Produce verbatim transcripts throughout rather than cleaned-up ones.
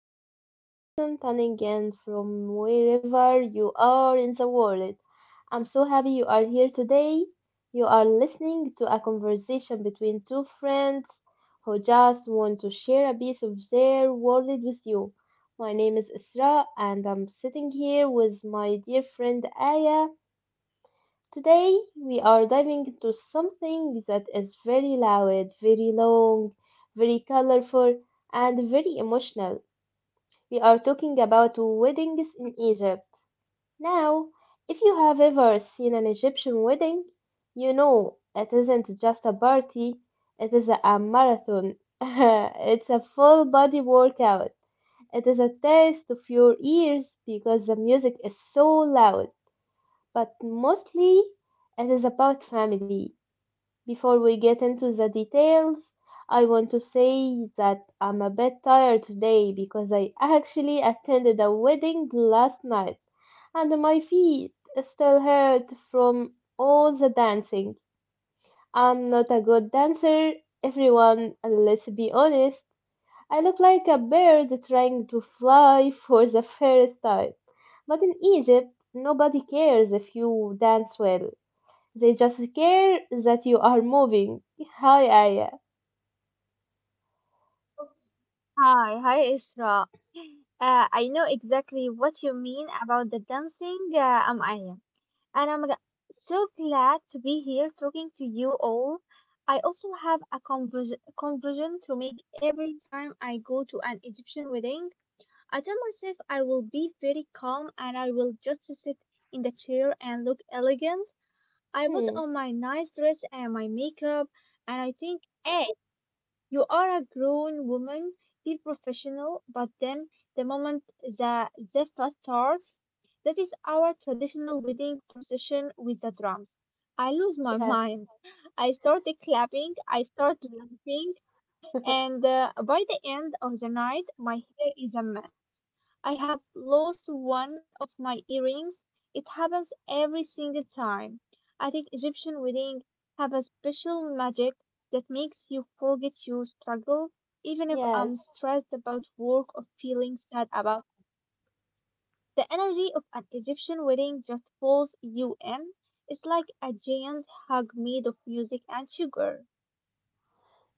every single person tuning in from wherever you are in the world. I'm so happy you are here today. You are listening to a conversation between two friends who just want to share a piece of their world with you. My name is Isra and I'm sitting here with my dear friend Aya. Today we are diving into something that is very loud, very long, very colorful, and very emotional. We are talking about weddings in Egypt. Now, if you have ever seen an Egyptian wedding, you know it isn't just a party, it is a marathon. It's a full body workout. It is a test of your ears because the music is so loud, but mostly it is about family. Before we get into the details, I want to say that I'm a bit tired today because I actually attended a wedding last night and my feet still hurt from all the dancing. I'm not a good dancer, everyone, let's be honest. I look like a bird trying to fly for the first time. But in Egypt, nobody cares if you dance well. They just care that you are moving. Hi, Aya. Hi, hi Isra. Uh, I know exactly what you mean about the dancing. uh, I'm Aya, and I'm g- so glad to be here talking to you all. I also have a convers conversion to make every time I go to an Egyptian wedding. I tell myself I will be very calm and I will just sit in the chair and look elegant. I put Hmm. on my nice dress and my makeup, and I think, hey, you are a grown woman, be professional, but then the moment the zephyr starts. That is our traditional wedding procession with the drums. I lose my Yes. mind. I start clapping, I start laughing, and uh, by the end of the night, my hair is a mess. I have lost one of my earrings. It happens every single time. I think Egyptian weddings have a special magic that makes you forget your struggle, even if Yes. I'm stressed about work or feeling sad about. The energy of an Egyptian wedding just pulls you in. It's like a giant hug made of music and sugar.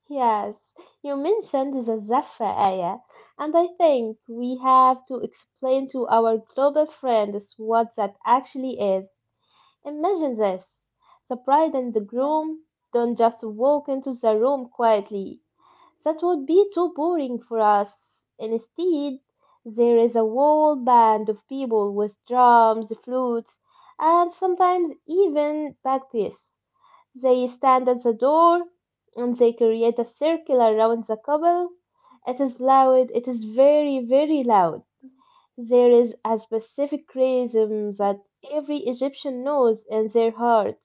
Yes. You mentioned the Zaffa, Aya. And I think we have to explain to our global friends what that actually is. Imagine this. The bride and the Yeah, groom don't just walk into the room quietly. That would be too boring for us. Instead, there is a whole band of people with drums, flutes, and sometimes even bagpipes. They stand at the door and they create a circle around the couple. It is loud, it is very, very loud. There is a specific rhythm that every Egyptian knows in their heart.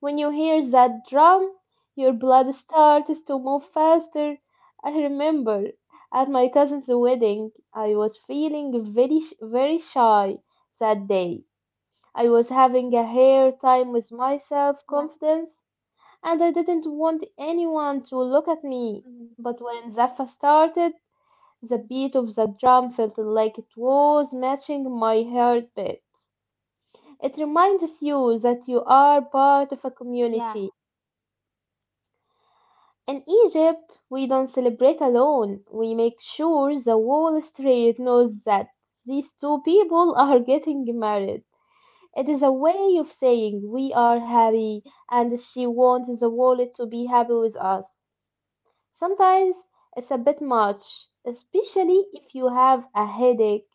When you hear that drum, your blood starts to move faster. I remember at my cousin's wedding, I was feeling very, sh- very shy that day. I was having a hair time with my self confidence, and I didn't want anyone to look at me. yeah, But when Zaffa started, the beat of the drum felt like it was matching my heartbeat. It reminds you that you are part of a yeah. community. In Egypt, we don't celebrate alone. We make sure the whole street knows that these two people are getting married. It is a way of saying we are happy and she wants the world to be happy with us. Sometimes it's a bit much, especially if you have a headache,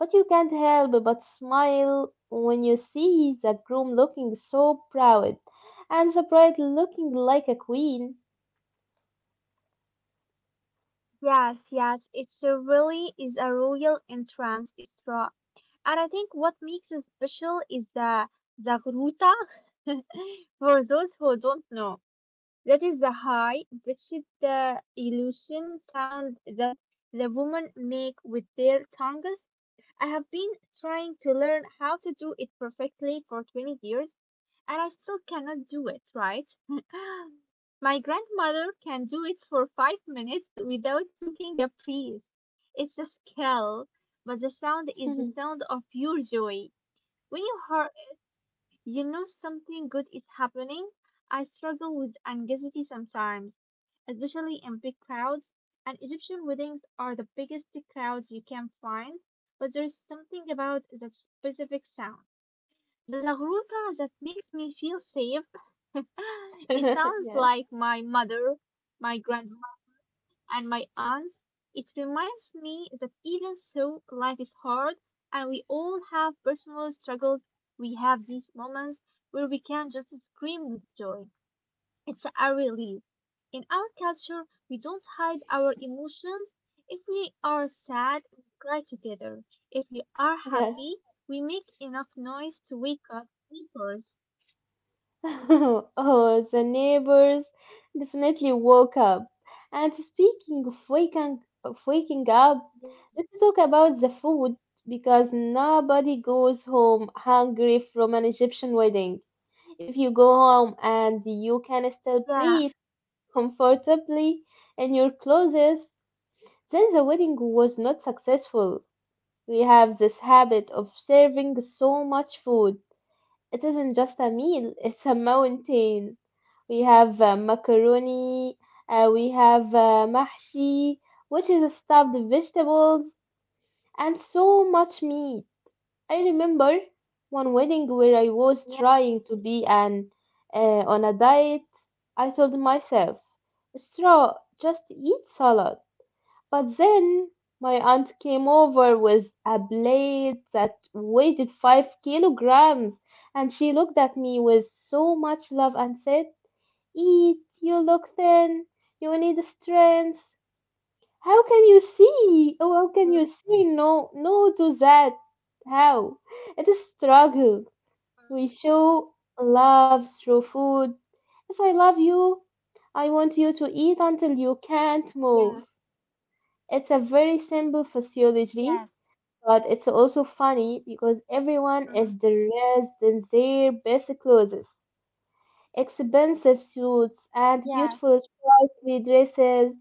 but you can't help but smile when you see the groom looking so proud and the bride looking like a queen. Yes, yes, it's a really is a royal entrance, Isra. And I think what makes it special is the Zagruta. For those who don't know, that is the high pitched the illusion sound that the women make with their tongues. I have been trying to learn how to do it perfectly for twenty years, and I still cannot do it, right? My grandmother can do it for five minutes without taking a breath. It's a skill, but the sound is the sound of pure joy. When you hear, you know something good is happening. I struggle with anxiety sometimes, especially in big crowds. And Egyptian weddings are the biggest crowds you can find, but there is something about that specific sound. The zagruta that makes me feel safe. It sounds Yeah. like my mother, my grandma, and my aunts. It reminds me that even though life is hard and we all have personal struggles, we have these moments where we can just scream with joy. It's a release. In our culture, we don't hide our emotions. If we are sad, we cry together. If we are Yeah. happy, we make enough noise to wake up neighbors. Oh, the neighbors definitely woke up. And speaking of waking of waking up, let's talk about the food because nobody goes home hungry from an Egyptian wedding. If you go home and you can still Yeah, breathe comfortably in your clothes, then the wedding was not successful. We have this habit of serving so much food. It isn't just a meal, it's a mountain. We have uh, macaroni, uh, we have uh, mahshi, which is stuffed vegetables, and so much meat. I remember one wedding where I yeah, was trying to be an uh, on a diet. I told myself, straw, just eat salad. But then my aunt came over with a blade that weighed five kilograms, and she looked at me with so much love and said, Eat, you look thin, you need strength. How can you see? Oh, how can you mm, say no, no to that? How? It is struggle. mm, We show love through food. If I love you, I want you to eat until you can't yeah. move. It's a very simple Yes. physiology, but it's also funny because everyone is Hmm. dressed in their best clothes, expensive suits and Yes. beautiful sparkly dresses,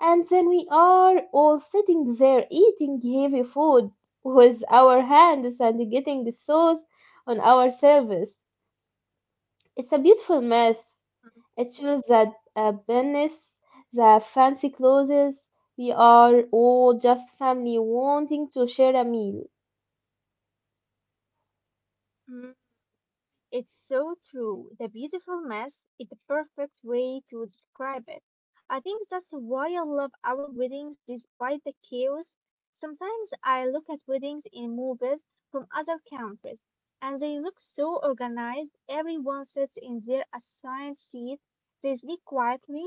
and then we are all sitting there eating heavy food with our hands and getting sauce on ourselves. It's a beautiful mess. It shows that uh, business, the fancy clothes, we are all just family wanting to share a meal. Hmm. It's so true. The beautiful mess is the perfect way to describe it. I think that's why I love our weddings despite the chaos. Sometimes I look at weddings in movies from other countries and they look so organized. Everyone sits in their assigned seat. They speak quietly.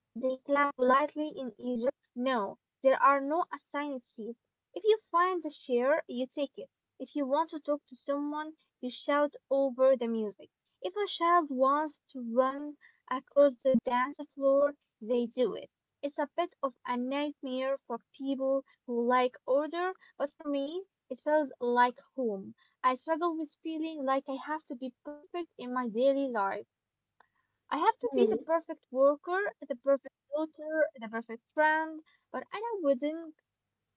They clap politely. In Egypt, no, there are no assigned seats. If you find the chair, you take it. If you want to talk to someone, you shout over the music. If a child wants to run across the dance floor, they do it. It's a bit of a nightmare for people who like order, but for me, it feels like home. I struggle with feeling like I have to be perfect in my daily life. I have to be Hmm. the perfect worker, the perfect daughter, the perfect friend, but I a wedding,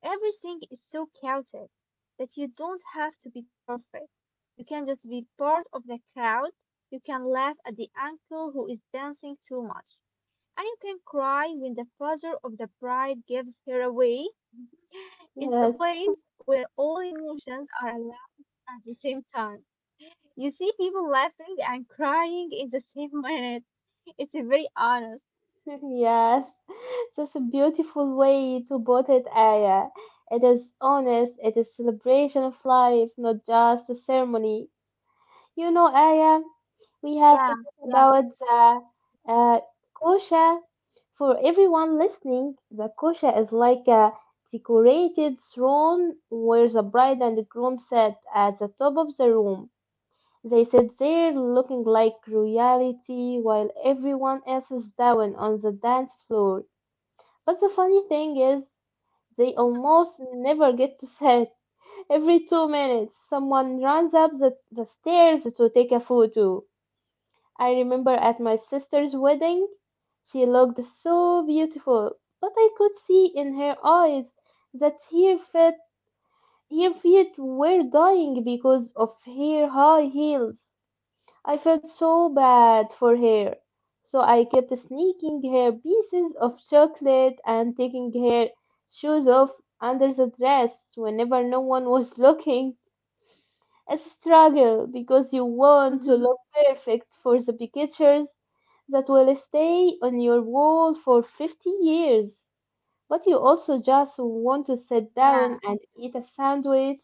everything is so chaotic that you don't have to be perfect. You can just be part of the crowd. You can laugh at the uncle who is dancing too much. And you can cry when the father of the bride gives her away. It's a Yes, place where all emotions are allowed at the same time. You see people laughing and crying in the same minute. It's a very honest. yes. That's a beautiful way to put it, Aya. It is honest, it is celebration of life, not just a ceremony. You know, Aya, we have to Yeah, talk yeah, about the uh, kosher. For everyone listening, the kosher is like a decorated throne where the bride and the groom sit at the top of the room. They sit there looking like royalty while everyone else is down on the dance floor. But the funny thing is, they almost never get to sit. Every two minutes, someone runs up the, the stairs to take a photo. I remember at my sister's wedding, she looked so beautiful, but I could see in her eyes that her feet, her feet were dying because of her high heels. I felt so bad for her, so I kept sneaking her pieces of chocolate and taking her shoes off under the dress whenever no one was looking, a struggle because you want to look perfect for the pictures that will stay on your wall for fifty years. But you also just want to sit yeah. down and eat a sandwich.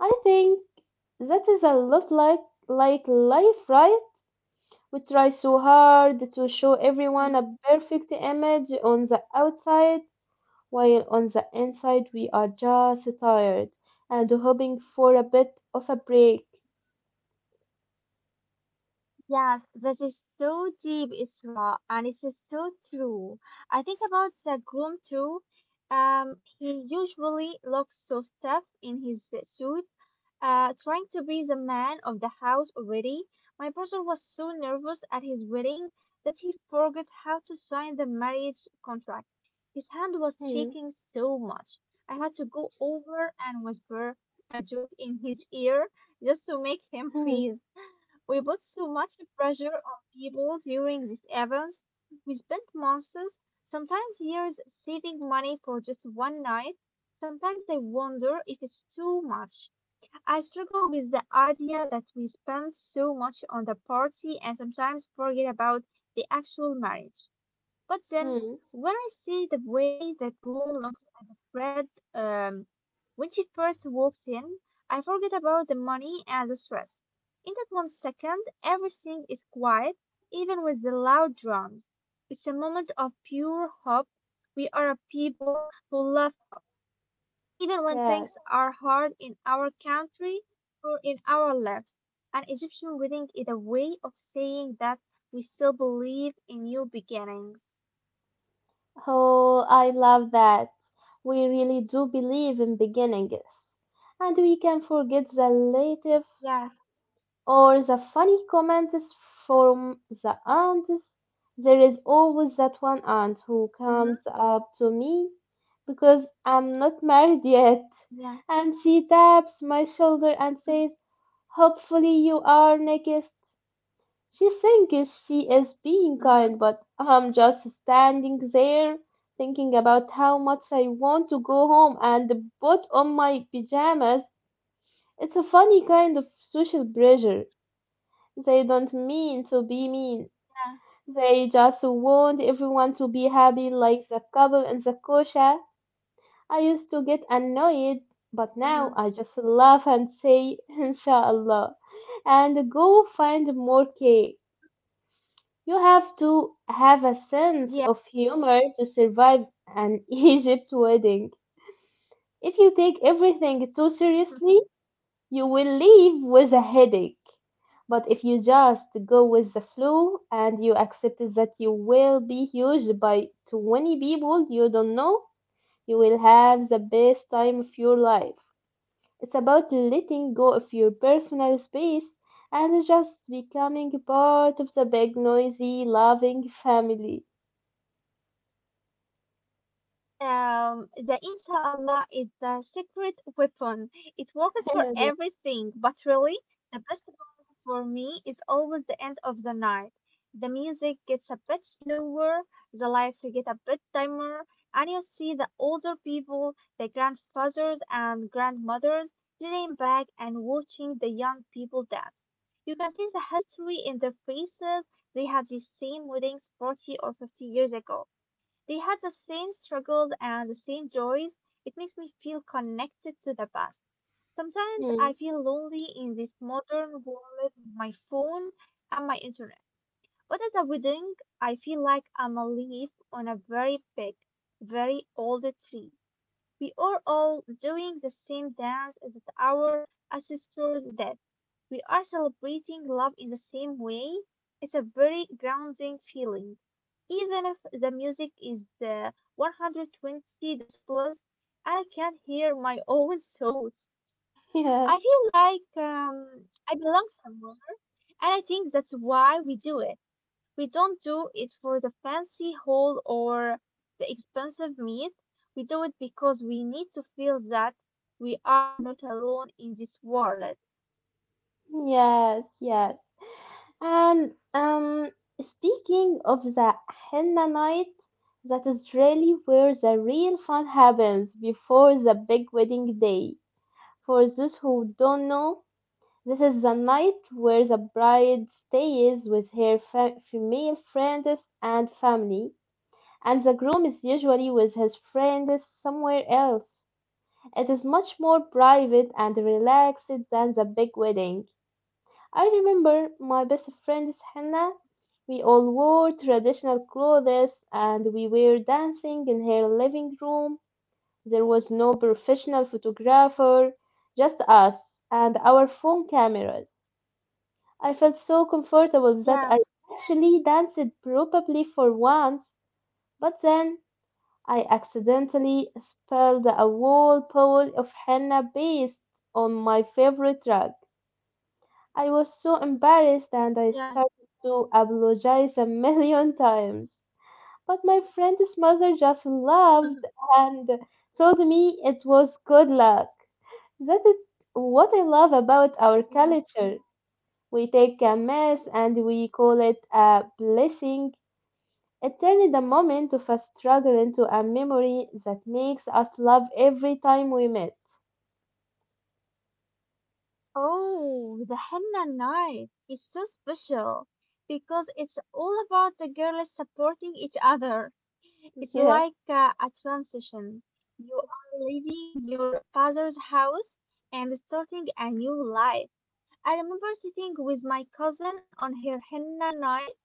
I think that is a lot like, like life, right? We try so hard to show everyone Mm. a perfect image on the outside, while on the inside we are just tired and hoping for a bit of a break. Yes, that is so deep, Isra, and it is so true. I think about the groom too. Um, he usually looks so stiff in his suit, uh, trying to be the man of the house already. My brother was so nervous at his wedding that he forgot how to sign the marriage contract. His hand was Hmm. shaking so much. I had to go over and whisper a joke in his ear just to make him freeze. We put so much pressure on people during these events. We spent months, sometimes years, saving money for just one night. Sometimes I wonder if it's too much. I struggle with the idea that we spend so much on the party and sometimes forget about the actual marriage. But then, Hmm, when I see the way the groom looks at the bride um, when she first walks in, I forget about the money and the stress. In that one second, everything is quiet, even with the loud drums. It's a moment of pure hope. We are a people who love hope. Even when yeah. things are hard in our country or in our lives, an Egyptian wedding is a way of saying that we still believe in new beginnings. Oh, I love that. We really do believe in beginnings. And we can forget the relative Yes. or the funny comments from the aunts. There is always that one aunt who Mm-hmm. comes up to me because I'm not married yet. Yeah. And she taps my shoulder and says, Hopefully you are next. She thinks she is being Mm-hmm. kind, but I'm just standing there thinking about how much I want to go home and put on my pajamas. It's a funny kind of social pressure. They don't mean to be mean. Yeah. They just want everyone to be happy like the couple in the kosher. I used to get annoyed, but Mm-hmm. now I just laugh and say, Inshallah, and go find more cake. You have to have a sense of humor to survive an Egypt wedding. If you take everything too Yeah. seriously, you will leave with a headache. But if you just go with the flow and you accept that you will be used by twenty people you don't know, you will have the best time of your life. It's about letting go of your personal space and just becoming part of the big, noisy, loving family. Um, the inshallah is the secret weapon. It works for Yeah. everything, but really, the best one for me is always the end of the night. The music gets a bit slower, the lights get a bit dimmer, and you see the older people, the grandfathers and grandmothers, sitting back and watching the young people dance. You can see the history in their faces. They had these same weddings forty or fifty years ago. They had the same struggles and the same joys. It makes me feel connected to the past. Sometimes Hmm. I feel lonely in this modern world with my phone and my internet. But at a wedding, I feel like I'm a leaf on a very big, very old tree. We are all doing the same dance that our ancestors did. We are celebrating love in the same way. It's a very grounding feeling. Even if the music is uh, one hundred twenty decibels and I can't hear my own thoughts, I Yeah, feel like um, I belong somewhere. And I think that's why we do it. We don't do it for the fancy haul or the expensive meat. We do it because we need to feel that we are not alone in this world. yes, yes. And um, speaking of the henna night, that is really where the real fun happens before the big wedding day. For those who don't know, this is the night where the bride stays with her fa- female friends and family, and the groom is usually with his friends somewhere else. It is much more private and relaxed than the big wedding. I remember my best friend Hannah. We all wore traditional clothes and we were dancing in her living room. There was no professional photographer, just us and our phone cameras. I felt so comfortable that I Yes, actually danced probably for once, but then I accidentally spelled a whole poem of Hannah based on my favorite track. I was so embarrassed and I yes, started to apologize a million times. But my friend's mother just laughed and told me it was good luck. That is what I love about our yeah. culture. We take a mess and we call it a blessing. It turned the moment of a struggle into a memory that makes us love every time we met. Oh, the henna night is so special because it's all about the girls supporting each other. It's Yeah. like uh, a transition. You are leaving your father's house and starting a new life. I remember sitting with my cousin on her henna night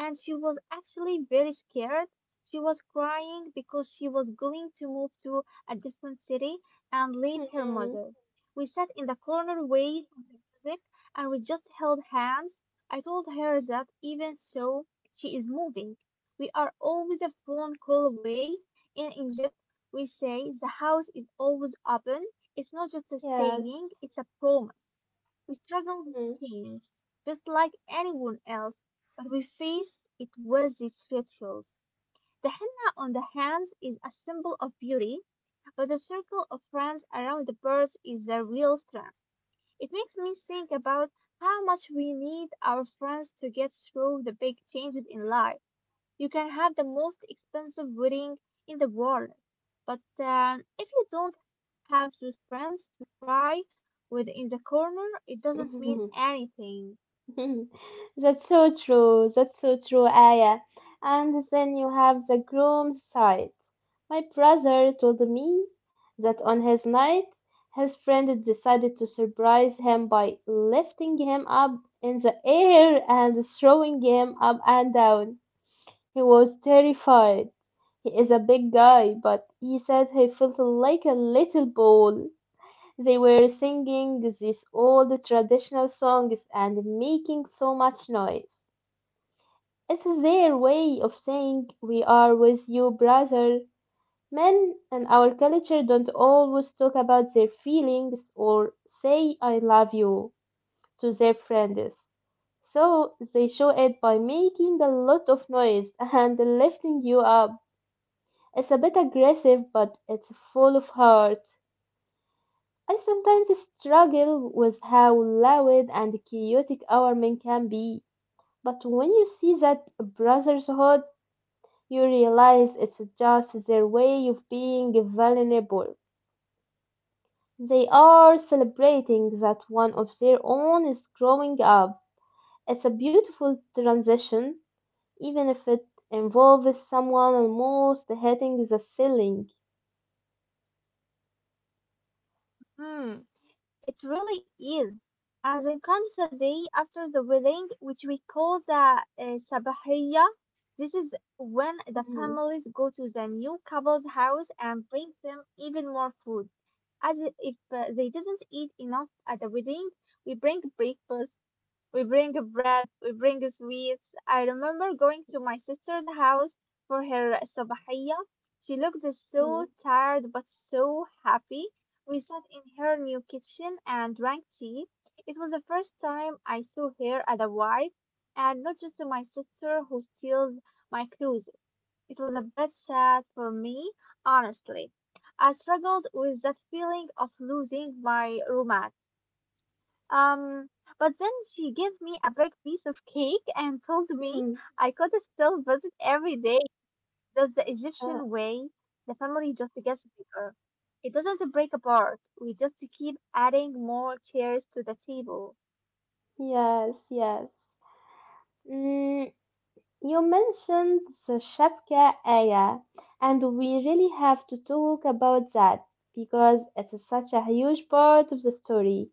and she was actually very scared. She was crying because she was going to move to a different city and leave her Mm, mother. We sat in the corner way of the music and we just held hands. I told her that even so, she is moving. We are always a phone call away. In Egypt, we say the house is always open. It's not just a yes. saying, it's a promise. We struggle with change, just like anyone else, but we face it with these rituals. The henna on the hands is a symbol of beauty, but the circle of fronds around the birds is the real strength. It makes me think about how much we need our friends to get through the big changes in life. You can have the most expensive wedding in the world, but um, if you don't have those friends to cry with in the corner, it doesn't mean Mm. anything. That's so true. That's so true, Aya. And then you have the groom's side. My brother told me that on his night, his friend decided to surprise him by lifting him up in the air and throwing him up and down. He was terrified. He is a big guy, but he said he felt like a little ball. They were singing these old traditional songs and making so much noise. It's their way of saying, We are with you, brother. Men in our culture don't always talk about their feelings or say, I love you to their friends. So they show it by making a lot of noise and lifting you up. It's a bit aggressive, but it's full of heart. I sometimes struggle with how loud and chaotic our men can be, but when you see that brotherhood, you realize it's just their way of being vulnerable. They are celebrating that one of their own is growing up. It's a beautiful transition, even if it involves someone almost hitting the ceiling. Hmm, it really is. And then comes the day after the wedding, which we call the uh, sabahiyya. This is when the Mhm, families go to the new couple's house and bring them even more food. As if uh, they didn't eat enough at the wedding, we bring breakfast, we bring bread, we bring sweets. I remember going to my sister's house for her sabahiyya. She looked mhm, so tired but so happy. We sat in her new kitchen and drank tea. It was the first time I saw her as a wife and not just my sister who steals my clothes. It was a bit sad for me, honestly. I struggled with that feeling of losing my roommate. Um, but then she gave me a big piece of cake and told me mhm. I could still visit every day. That's the Uh, Egyptian way. The family just gets bigger. It doesn't break apart. We just keep adding more chairs to the table. yes, yes. Mm, you mentioned the Shafka ayah, and we really have to talk about that because it is such a huge part of the story.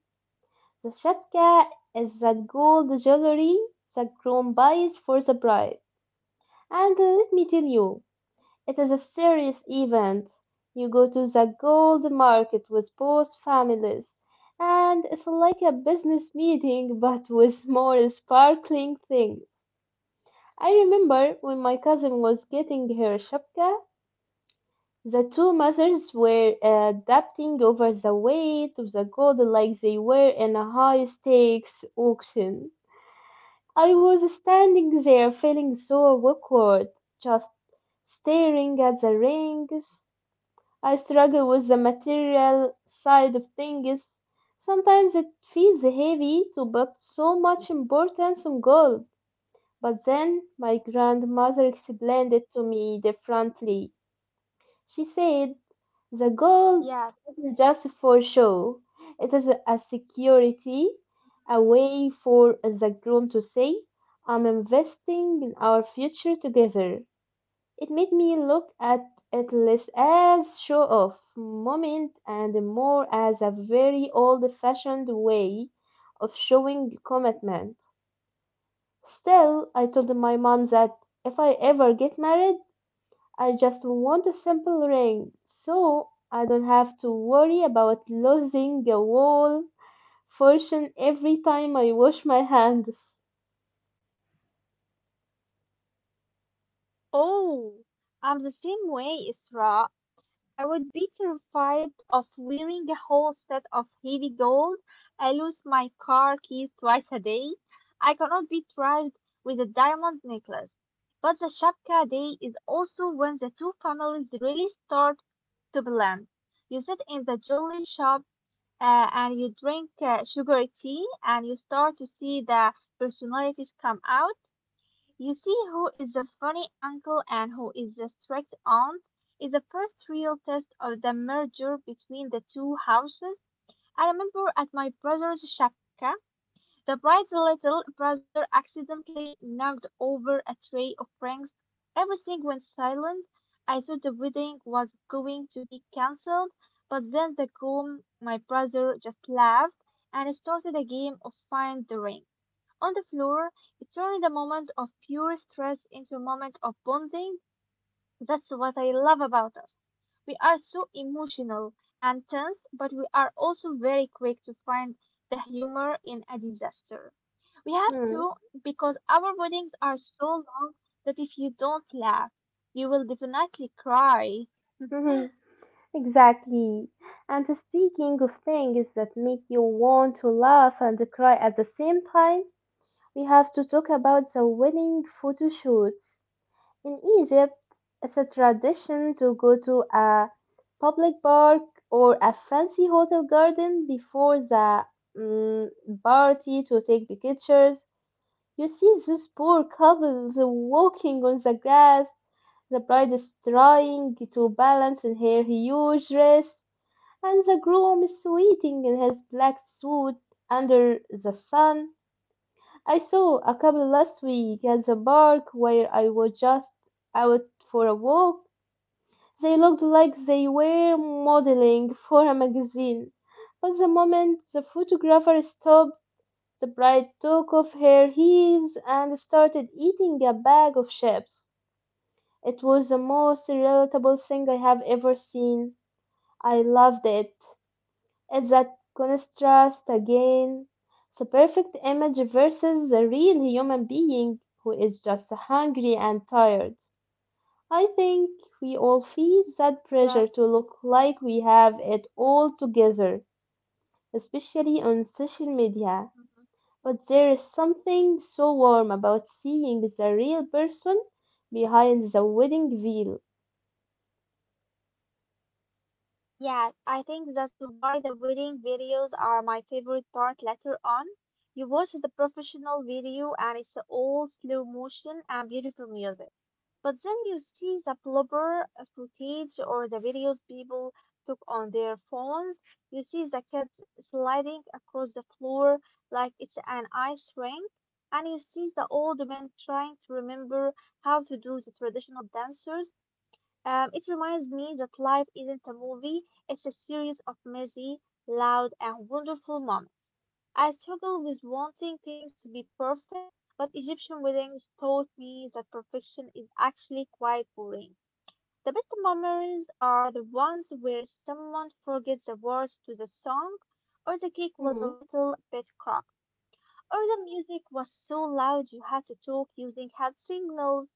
The Shafka is that gold jewelry that groom buys for the bride. And let me tell you, it is a serious event. You go to the gold market with both families, and it's like a business meeting but with more sparkling things. I remember when my cousin was getting her shapka, the two mothers were uh, debating over the weight of the gold like they were in a high stakes auction. I was standing there feeling so awkward, just staring at the rings. I struggle with the material side of things. Sometimes it feels heavy to put so much importance on gold. But then my grandmother explained it to me differently. She said the gold Yeah. isn't just for show, it is a security, a way for the groom to say, I'm investing in our future together. It made me look at it less as show off moment and more as a very old fashioned way of showing commitment. Still, I told my mom that if I ever get married, I just want a simple ring so I don't have to worry about losing a whole fortune every time I wash my hands. Oh, I'm the same way, Isra. I would be terrified of wearing a whole set of heavy gold. I lose my car keys twice a day. I cannot be trusted with a diamond necklace. But the Shapka day is also when the two families really start to blend. You sit in the jewelry shop uh, and you drink uh, sugary tea and you start to see the personalities come out. You see who is the funny uncle and who is the strict aunt is the first real test of the merger between the two houses. I remember at my brother's shapka, the bride's little brother accidentally knocked over a tray of rings. Everything went silent. I thought the wedding was going to be cancelled, but then the groom, my brother, just laughed and started a game of find the ring on the floor. It turned a moment of pure stress into a moment of bonding. That's what I love about us. We are so emotional and tense, but we are also very quick to find the humor in a disaster. We have Hmm. to because our weddings are so long that if you don't laugh, you will definitely cry. Mhm. Exactly. And speaking of things that make you want to laugh and cry at the same time, we have to talk about the wedding photo shoots. In Egypt, it's a tradition to go to a public park or a fancy hotel garden before the mm, party to take the pictures. You see those poor couples walking on the grass. The bride is trying to balance in her huge dress, and the groom is waiting in his black suit under the sun. I saw a couple last week at the park where I was just out for a walk. They looked like they were modeling for a magazine. But the moment the photographer stopped, the bride took off her heels and started eating a bag of chips. It was the most relatable thing I have ever seen. I loved it. It's that contrast again. It's a perfect image versus the real human being who is just hungry and tired. I think we all feel that pressure Yes. to look like we have it all together, especially on social media. Mm-hmm. But there is something so warm about seeing the real person behind the wedding veil. Yeah, I think that's why the wedding videos are my favorite part later on. You watch the professional video and it's all slow motion and beautiful music. But then you see the blooper footage or the videos people took on their phones. You see the kids sliding across the floor like it's an ice rink. And you see the old man trying to remember how to do the traditional dancers. Um, it reminds me that life isn't a movie, it's a series of messy, loud, and wonderful moments. I struggle with wanting things to be perfect, but Egyptian weddings taught me that perfection is actually quite boring. The best memories are the ones where someone forgets the words to the song, or the cake was a Hmm. little bit cracked, or the music was so loud you had to talk using hand signals.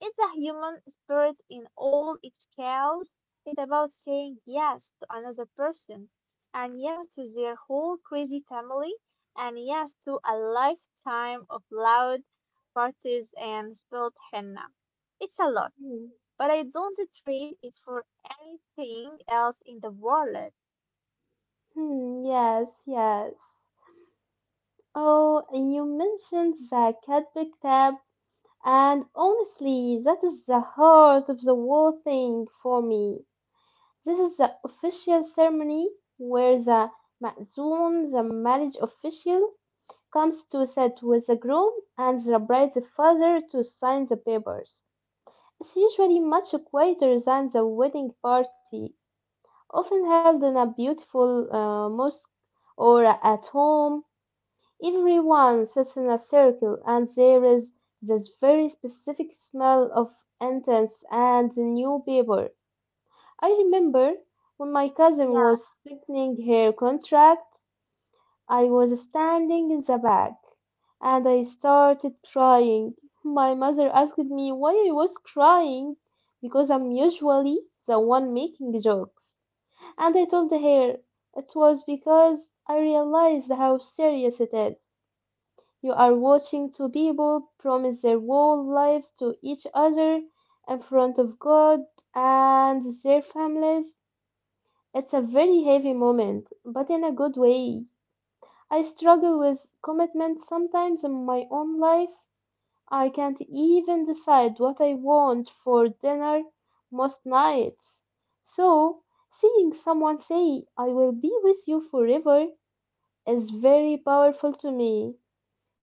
It's the human spirit in all its chaos. It's about saying yes to another person, and yes to their whole crazy family, and yes to a lifetime of loud parties and spilled henna. It's a lot, Hmm. but I don't trade it for anything else in the world. Hmm, yes, yes. Oh, and you mentioned the Cadbury tab. And honestly, that is the heart of the whole thing for me. This is the official ceremony where the ma'zum, the marriage official, comes to sit with the groom and the bride's father to sign the papers. It's usually much quieter than the wedding party, often held in a beautiful uh, mosque or at home. Everyone sits in a circle and there is this very specific smell of incense and new paper. I remember when my cousin Yeah, was signing her contract, I was standing in the back and I started crying. My mother asked me why I was crying because I'm usually the one making jokes. And I told her it was because I realized how serious it is. You are watching two people promise their whole lives to each other in front of God and their families. It's a very heavy moment, but in a good way. I struggle with commitment sometimes in my own life. I can't even decide what I want for dinner most nights. So, seeing someone say, I will be with you forever, is very powerful to me.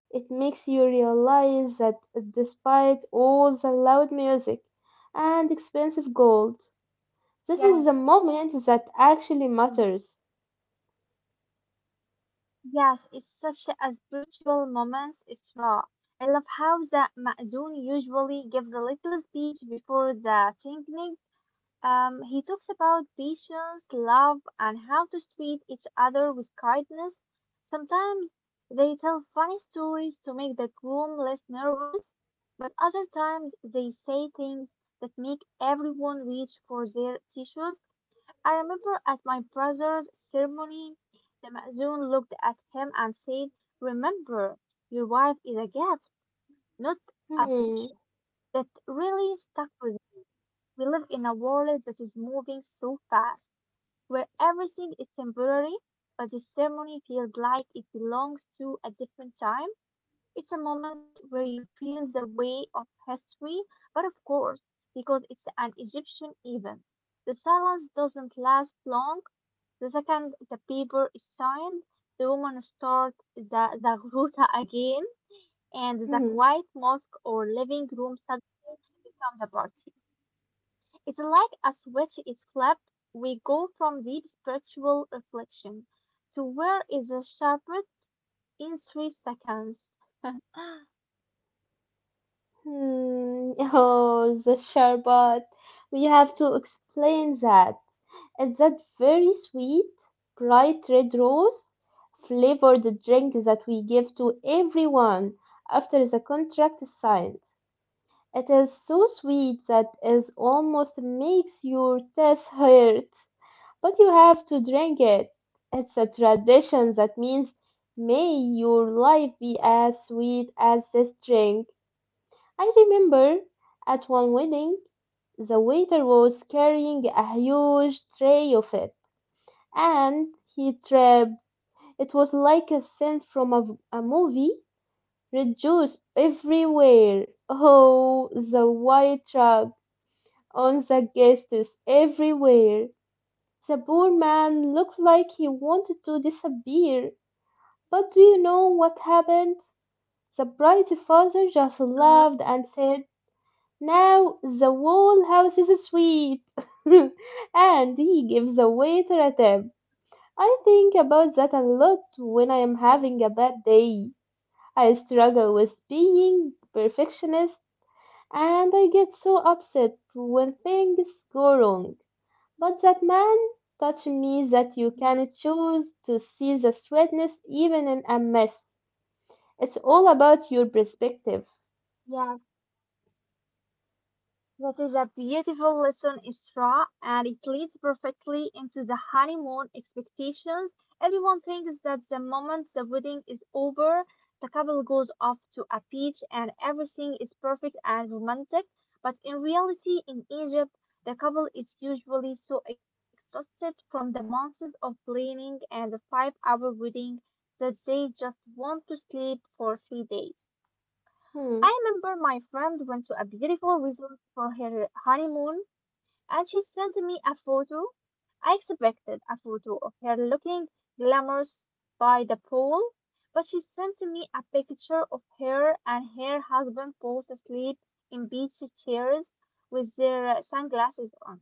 It makes you realize that despite all the loud music and expensive gold, this is the moment that actually yeah. matters. Yes, it's such a spiritual moment. It's raw. I love how the Ma'zun usually gives a little speech before the Tingnig. Um, he talks about patience, love, and how to treat each other with kindness. Sometimes they tell funny stories to make the room less nervous, but other times they say things that make everyone reach for their tissues. I remember at my brother's ceremony the Ma'zun looked at him and said, "Remember, your wife is a gift, not a Hmm. position." That really stuck with me. We live in a world that is moving so fast, where everything is temporary, but this ceremony feels like it belongs to a different time. It's a moment where you feel the weight of history, but of course, because it's an Egyptian event. The silence doesn't last long, the second, the paper style. The woman start the zagruta again, and the Hmm. quiet mosque or living room suddenly becomes a party. It's like a switch is flipped. We go from deep spiritual reflection to where is the shepherd in three seconds. Hmm. Oh, the sherbet. We have to explain that. It's that very sweet, bright red rose flavored drink that we give to everyone after the contract is signed. It is so sweet that it almost makes your teeth hurt, but you have to drink it. It's a tradition that means may your life be as sweet as this drink. I remember at one wedding, the waiter was carrying a huge tray of it, and he tripped. It was like a scene from a, a movie, red juice everywhere. Oh, the white truck. On the guests everywhere. The poor man looked like he wanted to disappear. But do you know what happened? The bride's father just laughed and Mm-hmm. said, now the whole house is sweet. And he gives the waiter a tip. I think about that a lot when I am having a bad day. I struggle with being perfectionist and I get so upset when things go wrong. But that man taught me that you Mm-hmm. can choose to see the sweetness even in a mess. It's all about your perspective. Yeah, that is a beautiful lesson, Isra, and it leads perfectly into the honeymoon expectations. Everyone thinks that the moment the wedding is over, the couple goes off to a beach and everything is perfect and romantic. But in reality, in Egypt, the couple is usually so exhausted from the months of planning and the five hour wedding that they just want to sleep for three days. Hmm. I remember my friend went to a beautiful resort for her honeymoon and she sent me a photo. I expected a photo of her looking glamorous by the pool, but she sent me a picture of her and her husband both asleep in beach chairs with their sunglasses on.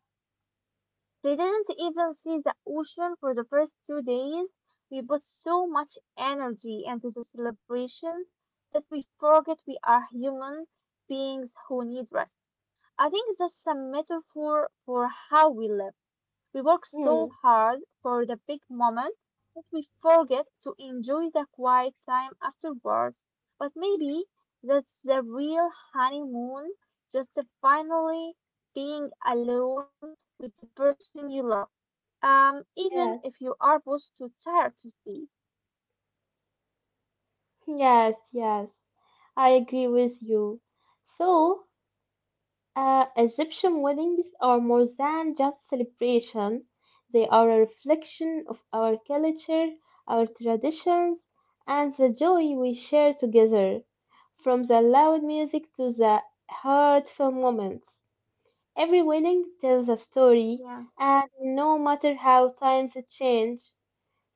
We didn't even see the ocean for the first two days. We put so much energy into the celebration that we forget we are human beings who need rest. I think that's a metaphor for how we live. We work so Hmm. hard for the big moment that we forget to enjoy the quiet time afterwards. But maybe that's the real honeymoon, just finally being alone with the person you love. Um, even Yes. if you are both too tired to speak. Yes. Yes. I agree with you. So, uh, Egyptian weddings are more than just celebration. They are a reflection of our culture, our traditions, and the joy we share together, from the loud music to the heartfelt moments. Every wedding tells a story, and Yeah, no matter how times change,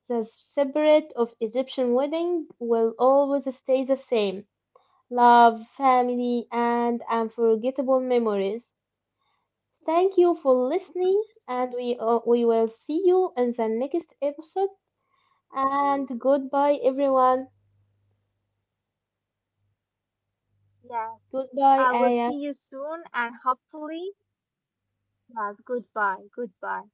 the spirit of Egyptian wedding will always stay the same. Love, family, and unforgettable memories. Thank you for listening, and we, uh, we will see you in the next episode. And goodbye, everyone. yeah. Goodbye, I will Aya. see you soon and hopefully, yeah, goodbye, goodbye.